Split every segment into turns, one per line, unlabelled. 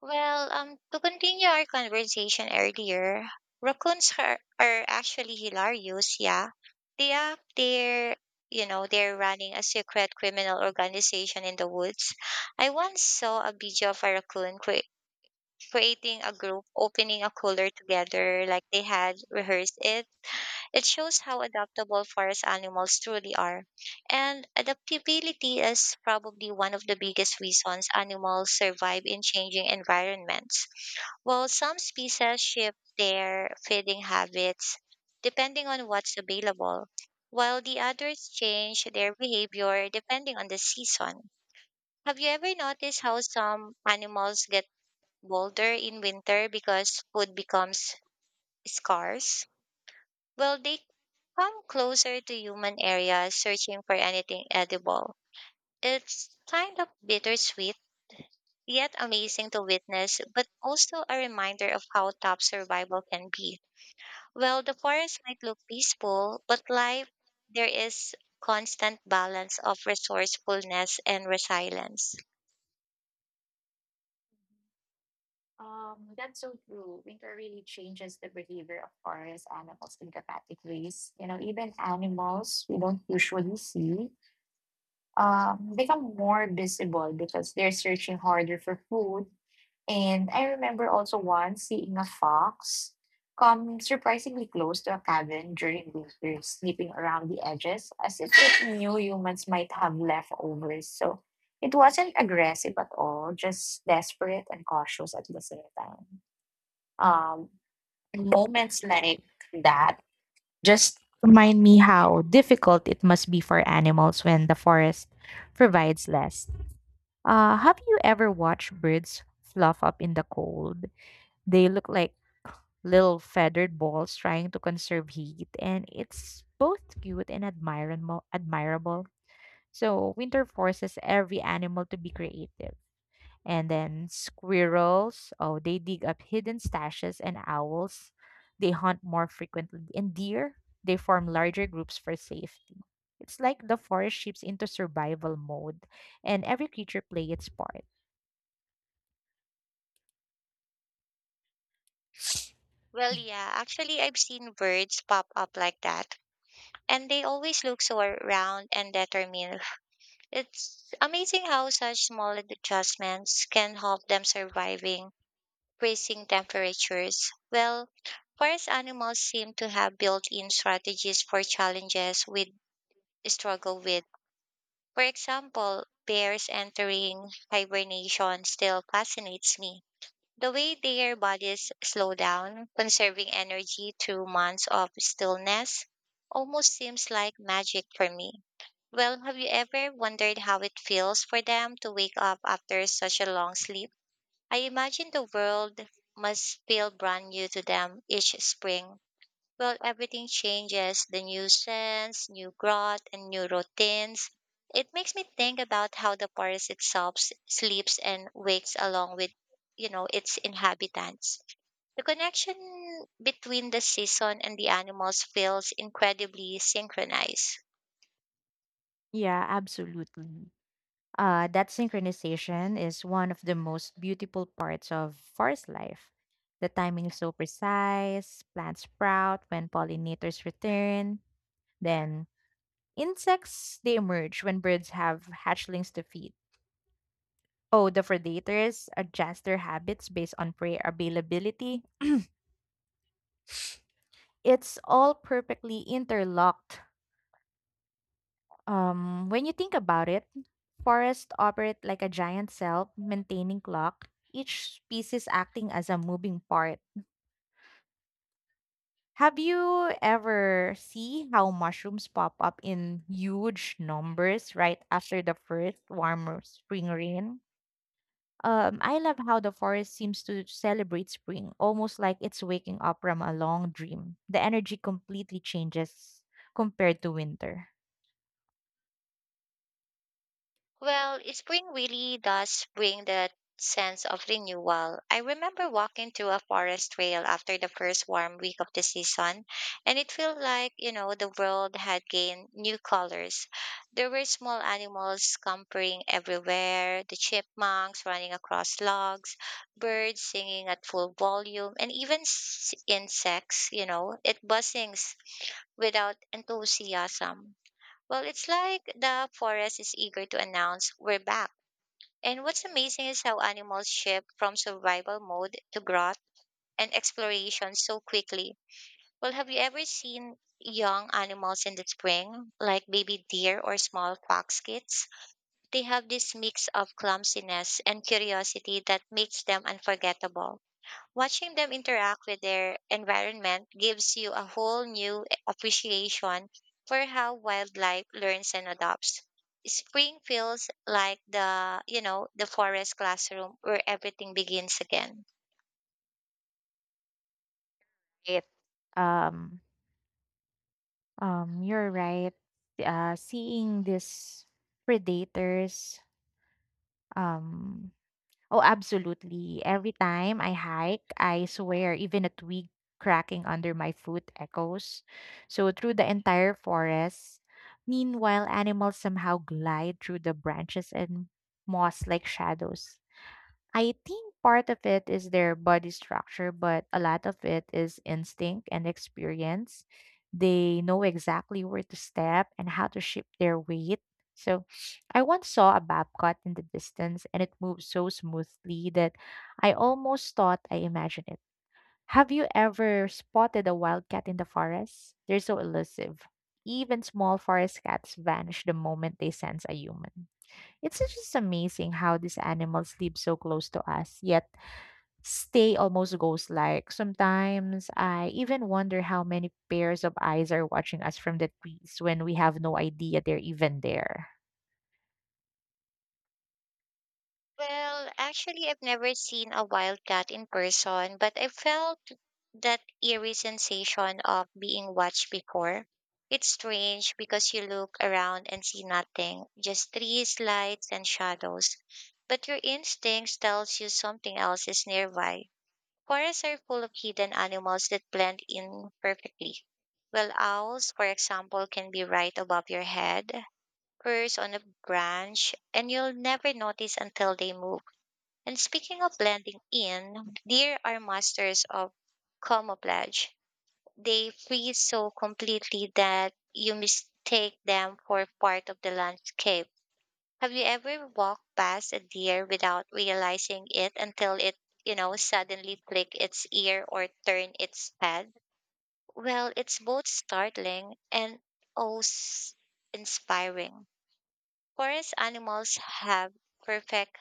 To continue our conversation earlier, raccoons are actually hilarious, yeah. They are there, you know, they're running a secret criminal organization in the woods. I once saw a video of a raccoon creating a group, opening a cooler together like they had rehearsed it. It shows how adaptable forest animals truly are. And adaptability is probably one of the biggest reasons animals survive in changing environments while some species shift their feeding habits depending on what's available, while the others change their behavior depending on the season. Have you ever noticed how some animals get bolder in winter because food becomes scarce? Well, they come closer to human areas searching for anything edible. It's kind of bittersweet, yet amazing to witness, but also a reminder of how tough survival can be. Well, the forest might look peaceful, but life there is constant balance of resourcefulness and resilience.
That's so true. Winter really changes the behavior of forest animals in dramatic ways. You know, even animals we don't usually see become more visible because they're searching harder for food. And I remember also once seeing a fox come surprisingly close to a cabin during winter, snipping around the edges as if it knew humans might have leftovers. So it wasn't aggressive at all, just desperate and cautious at the same time. Um, Moments like that just remind me how difficult it must be for animals when the forest provides less. Have you ever watched birds fluff up in the cold? They look like little feathered balls trying to conserve heat, and it's both cute and admirable. Admirable. So winter forces every animal to be creative. And then squirrels, oh, they dig up hidden stashes, and owls, they hunt more frequently. And deer, they form larger groups for safety. It's like the forest shifts into survival mode, and every creature plays its part.
Well, yeah, actually, I've seen birds pop up like that, and they always look so round and determined. It's amazing how such small adjustments can help them surviving freezing temperatures. Well, forest animals seem to have built-in strategies for challenges we struggle with. For example, bears entering hibernation still fascinates me. The way their bodies slow down, conserving energy through months of stillness, almost seems like magic for me. Well, have you ever wondered how it feels for them to wake up after such a long sleep? I imagine the world must feel brand new to them each spring. Well, everything changes the new sense, new growth, and new routines. It makes me think about how the forest itself sleeps and wakes along with, you know, its inhabitants. The connection between the season and the animals feels incredibly synchronized.
Yeah, absolutely. That synchronization is one of the most beautiful parts of forest life. The timing is so precise, plants sprout when pollinators return, then insects they emerge when birds have hatchlings to feed. Oh, the predators adjust their habits based on prey availability. It's all perfectly interlocked. When you think about it, forests operate like a giant cell, maintaining clock, each species acting as a moving part. Have you ever see how mushrooms pop up in huge numbers right after the first warm spring rain? I love how the forest seems to celebrate spring, almost like it's waking up from a long dream. The energy completely changes compared to winter.
Well, spring really does bring that sense of renewal. I remember walking through a forest trail after the first warm week of the season, and it felt like, you know, the world had gained new colors. There were small animals scampering everywhere, the chipmunks running across logs, birds singing at full volume, and even insects, you know, it buzzings without enthusiasm. Well, it's like the forest is eager to announce we're back. And what's amazing is how animals shift from survival mode to growth and exploration so quickly. Well, have you ever seen young animals in the spring, like baby deer or small fox kids? They have this mix of clumsiness and curiosity that makes them unforgettable. Watching them interact with their environment gives you a whole new appreciation for how wildlife learns and adapts. Spring feels like the the forest classroom where everything begins again.
It, um, you're right. Seeing these predators, um, oh, absolutely. Every time I hike, I swear even a twig cracking under my foot echoes. So through the entire forest. Meanwhile, animals somehow glide through the branches and moss like shadows. I think part of it is their body structure, but a lot of it is instinct and experience. They know exactly where to step and how to shift their weight. So, I once saw a bobcat in the distance and it moved so smoothly that I almost thought I imagined it. Have you ever spotted a wildcat in the forest? They're so elusive. Even small forest cats vanish the moment they sense a human. It's just amazing how these animals live so close to us, yet stay almost ghost-like. Sometimes I even wonder how many pairs of eyes are watching us from the trees when we have no idea they're even there.
Well, actually, I've never seen a wildcat in person, but I felt that eerie sensation of being watched before. It's strange because you look around and see nothing, just trees, lights, and shadows. But your instincts tells you something else is nearby. Forests are full of hidden animals that blend in perfectly. Well, owls, for example, can be right above your head, perched on a branch, and you'll never notice until they move. And speaking of blending in, deer are masters of camouflage. They freeze so completely that you mistake them for part of the landscape. Have you ever walked past a deer without realizing it until it, you know, suddenly flick its ear or turn its head? Well, it's both startling and oh, s- inspiring. Forest animals have perfect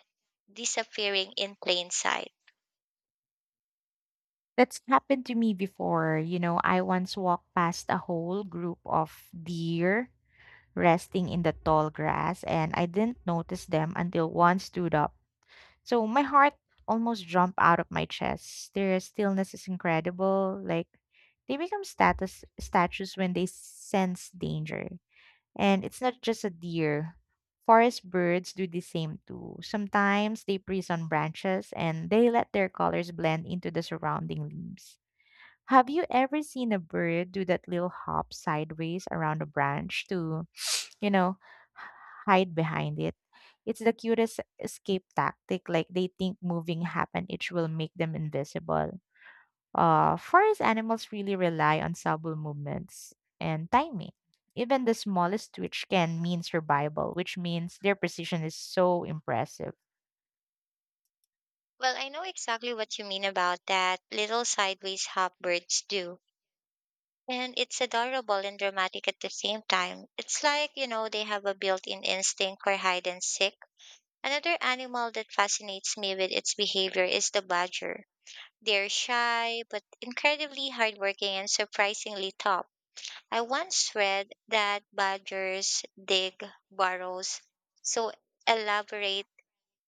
disappearing in plain sight.
That's happened to me before. You know, I once walked past a whole group of deer resting in the tall grass, and I didn't notice them until one stood up. So my heart almost jumped out of my chest. Their stillness is incredible. Like they become status statues when they sense danger. And it's not just a deer. Forest birds do the same too. Sometimes they breathe on branches and they let their colors blend into the surrounding leaves. Have you ever seen a bird do that little hop sideways around a branch to you know, h- hide behind it? It's the cutest escape tactic. Like they think moving happenage will make them invisible. Forest animals really rely on subtle movements and timing. Even the smallest twitch can mean survival, which means their precision is so impressive.
Well, I know exactly what you mean about that little sideways hop birds do. And it's adorable and dramatic at the same time. It's like, you know, they have a built in instinct for hide and seek. Another animal that fascinates me with its behavior is the badger. They're shy, but incredibly hardworking and surprisingly tough. I once read that badgers dig burrows so elaborate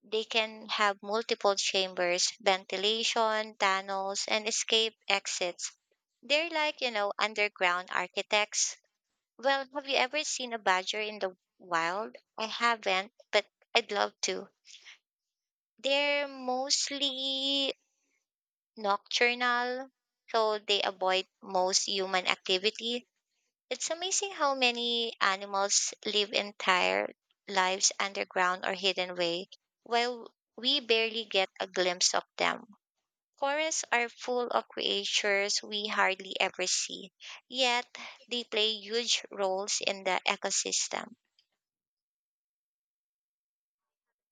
they can have multiple chambers, ventilation, tunnels, and escape exits. They're like, you know, underground architects. Well, have you ever seen a badger in the wild? I haven't, but I'd love to. They're mostly nocturnal, so they avoid most human activities. It's amazing how many animals live entire lives underground or hidden away, while we barely get a glimpse of them. Forests are full of creatures we hardly ever see, yet they play huge roles in the ecosystem.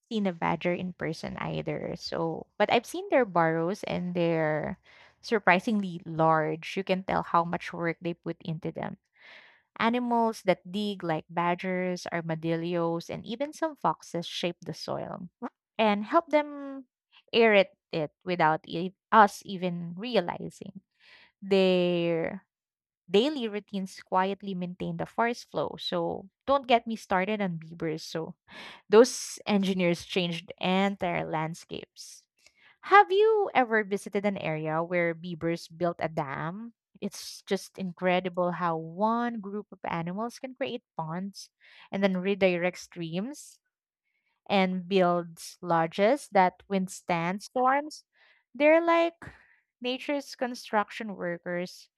Seen a badger in person either, so but I've seen their burrows and they're surprisingly large. You can tell how much work they put into them. Animals that dig, like badgers, armadillos, and even some foxes, shape the soil and help them aerate it without us even realizing. Their daily routines quietly maintain the forest flow. So don't get me started on beavers. So those engineers changed entire landscapes. Have you ever visited an area where beavers built a dam? It's just incredible how one group of animals can create ponds and then redirect streams and builds lodges that withstand storms. They're like nature's construction workers.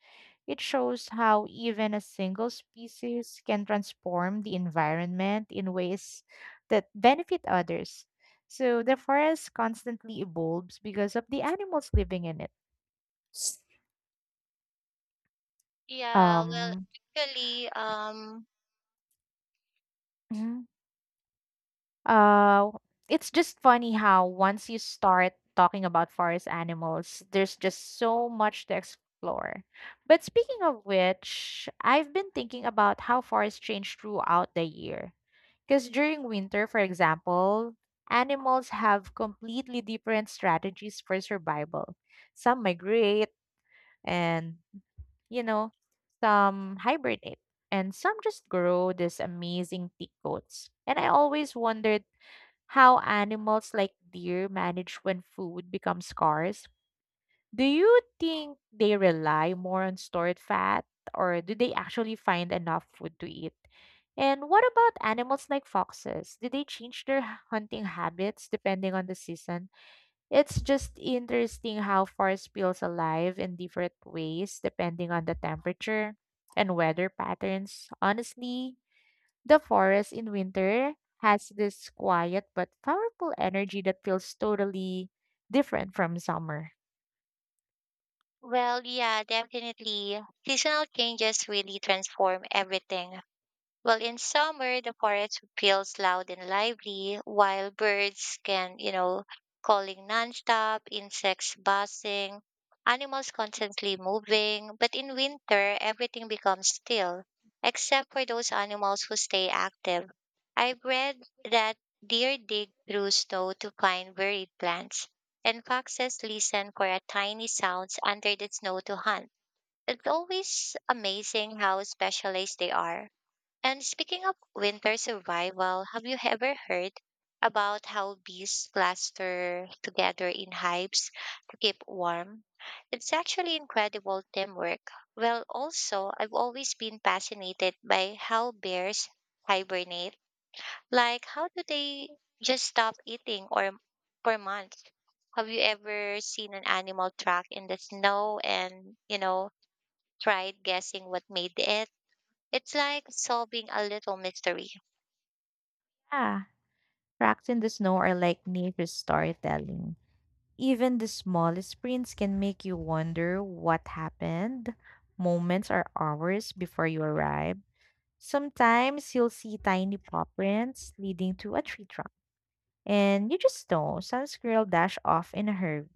It shows how even a single species can transform the environment in ways that benefit others. So the forest constantly evolves because of the animals living in it.
Yeah,
Um,
actually, um,
mhm. Uh, it's just funny how once you start talking about forest animals, there's just so much to explore. But speaking of which, I've been thinking about how forests change throughout the year. Because during winter, for example, animals have completely different strategies for survival. Some migrate and, you know, some hibernate, and some just grow these amazing thick coats. And I always wondered how animals like deer manage when food becomes scarce. Do you think they rely more on stored fat or do they actually find enough food to eat? And what about animals like foxes? Do they change their hunting habits depending on the season? It's just interesting how forest feels alive in different ways depending on the temperature and weather patterns. Honestly, the forest in winter has this quiet but powerful energy that feels totally different from summer.
well, yeah, definitely. Seasonal changes really transform everything. Well, in summer, the forest feels loud and lively, while birds can, you know, calling nonstop, insects buzzing, animals constantly moving. But in winter, everything becomes still, except for those animals who stay active. I've read that deer dig through snow to find buried plants, and foxes listen for a tiny sounds under the snow to hunt. It's always amazing how specialized they are. And speaking of winter survival, have you ever heard about how bees cluster together in hives to keep warm? It's actually incredible teamwork. Well, also, I've always been fascinated by how bears hibernate. Like, how do they just stop eating or for months? Have you ever seen an animal track in the snow and, you know, tried guessing what made it? It's like solving a little mystery.
Yeah, tracks in the snow are like nature's storytelling. Even the smallest prints can make you wonder what happened. Moments or hours before you arrive. Sometimes you'll see tiny paw prints leading to a tree trunk. And you just know some squirrel dashed off in a hurry.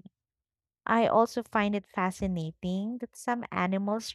I also find it fascinating that some animals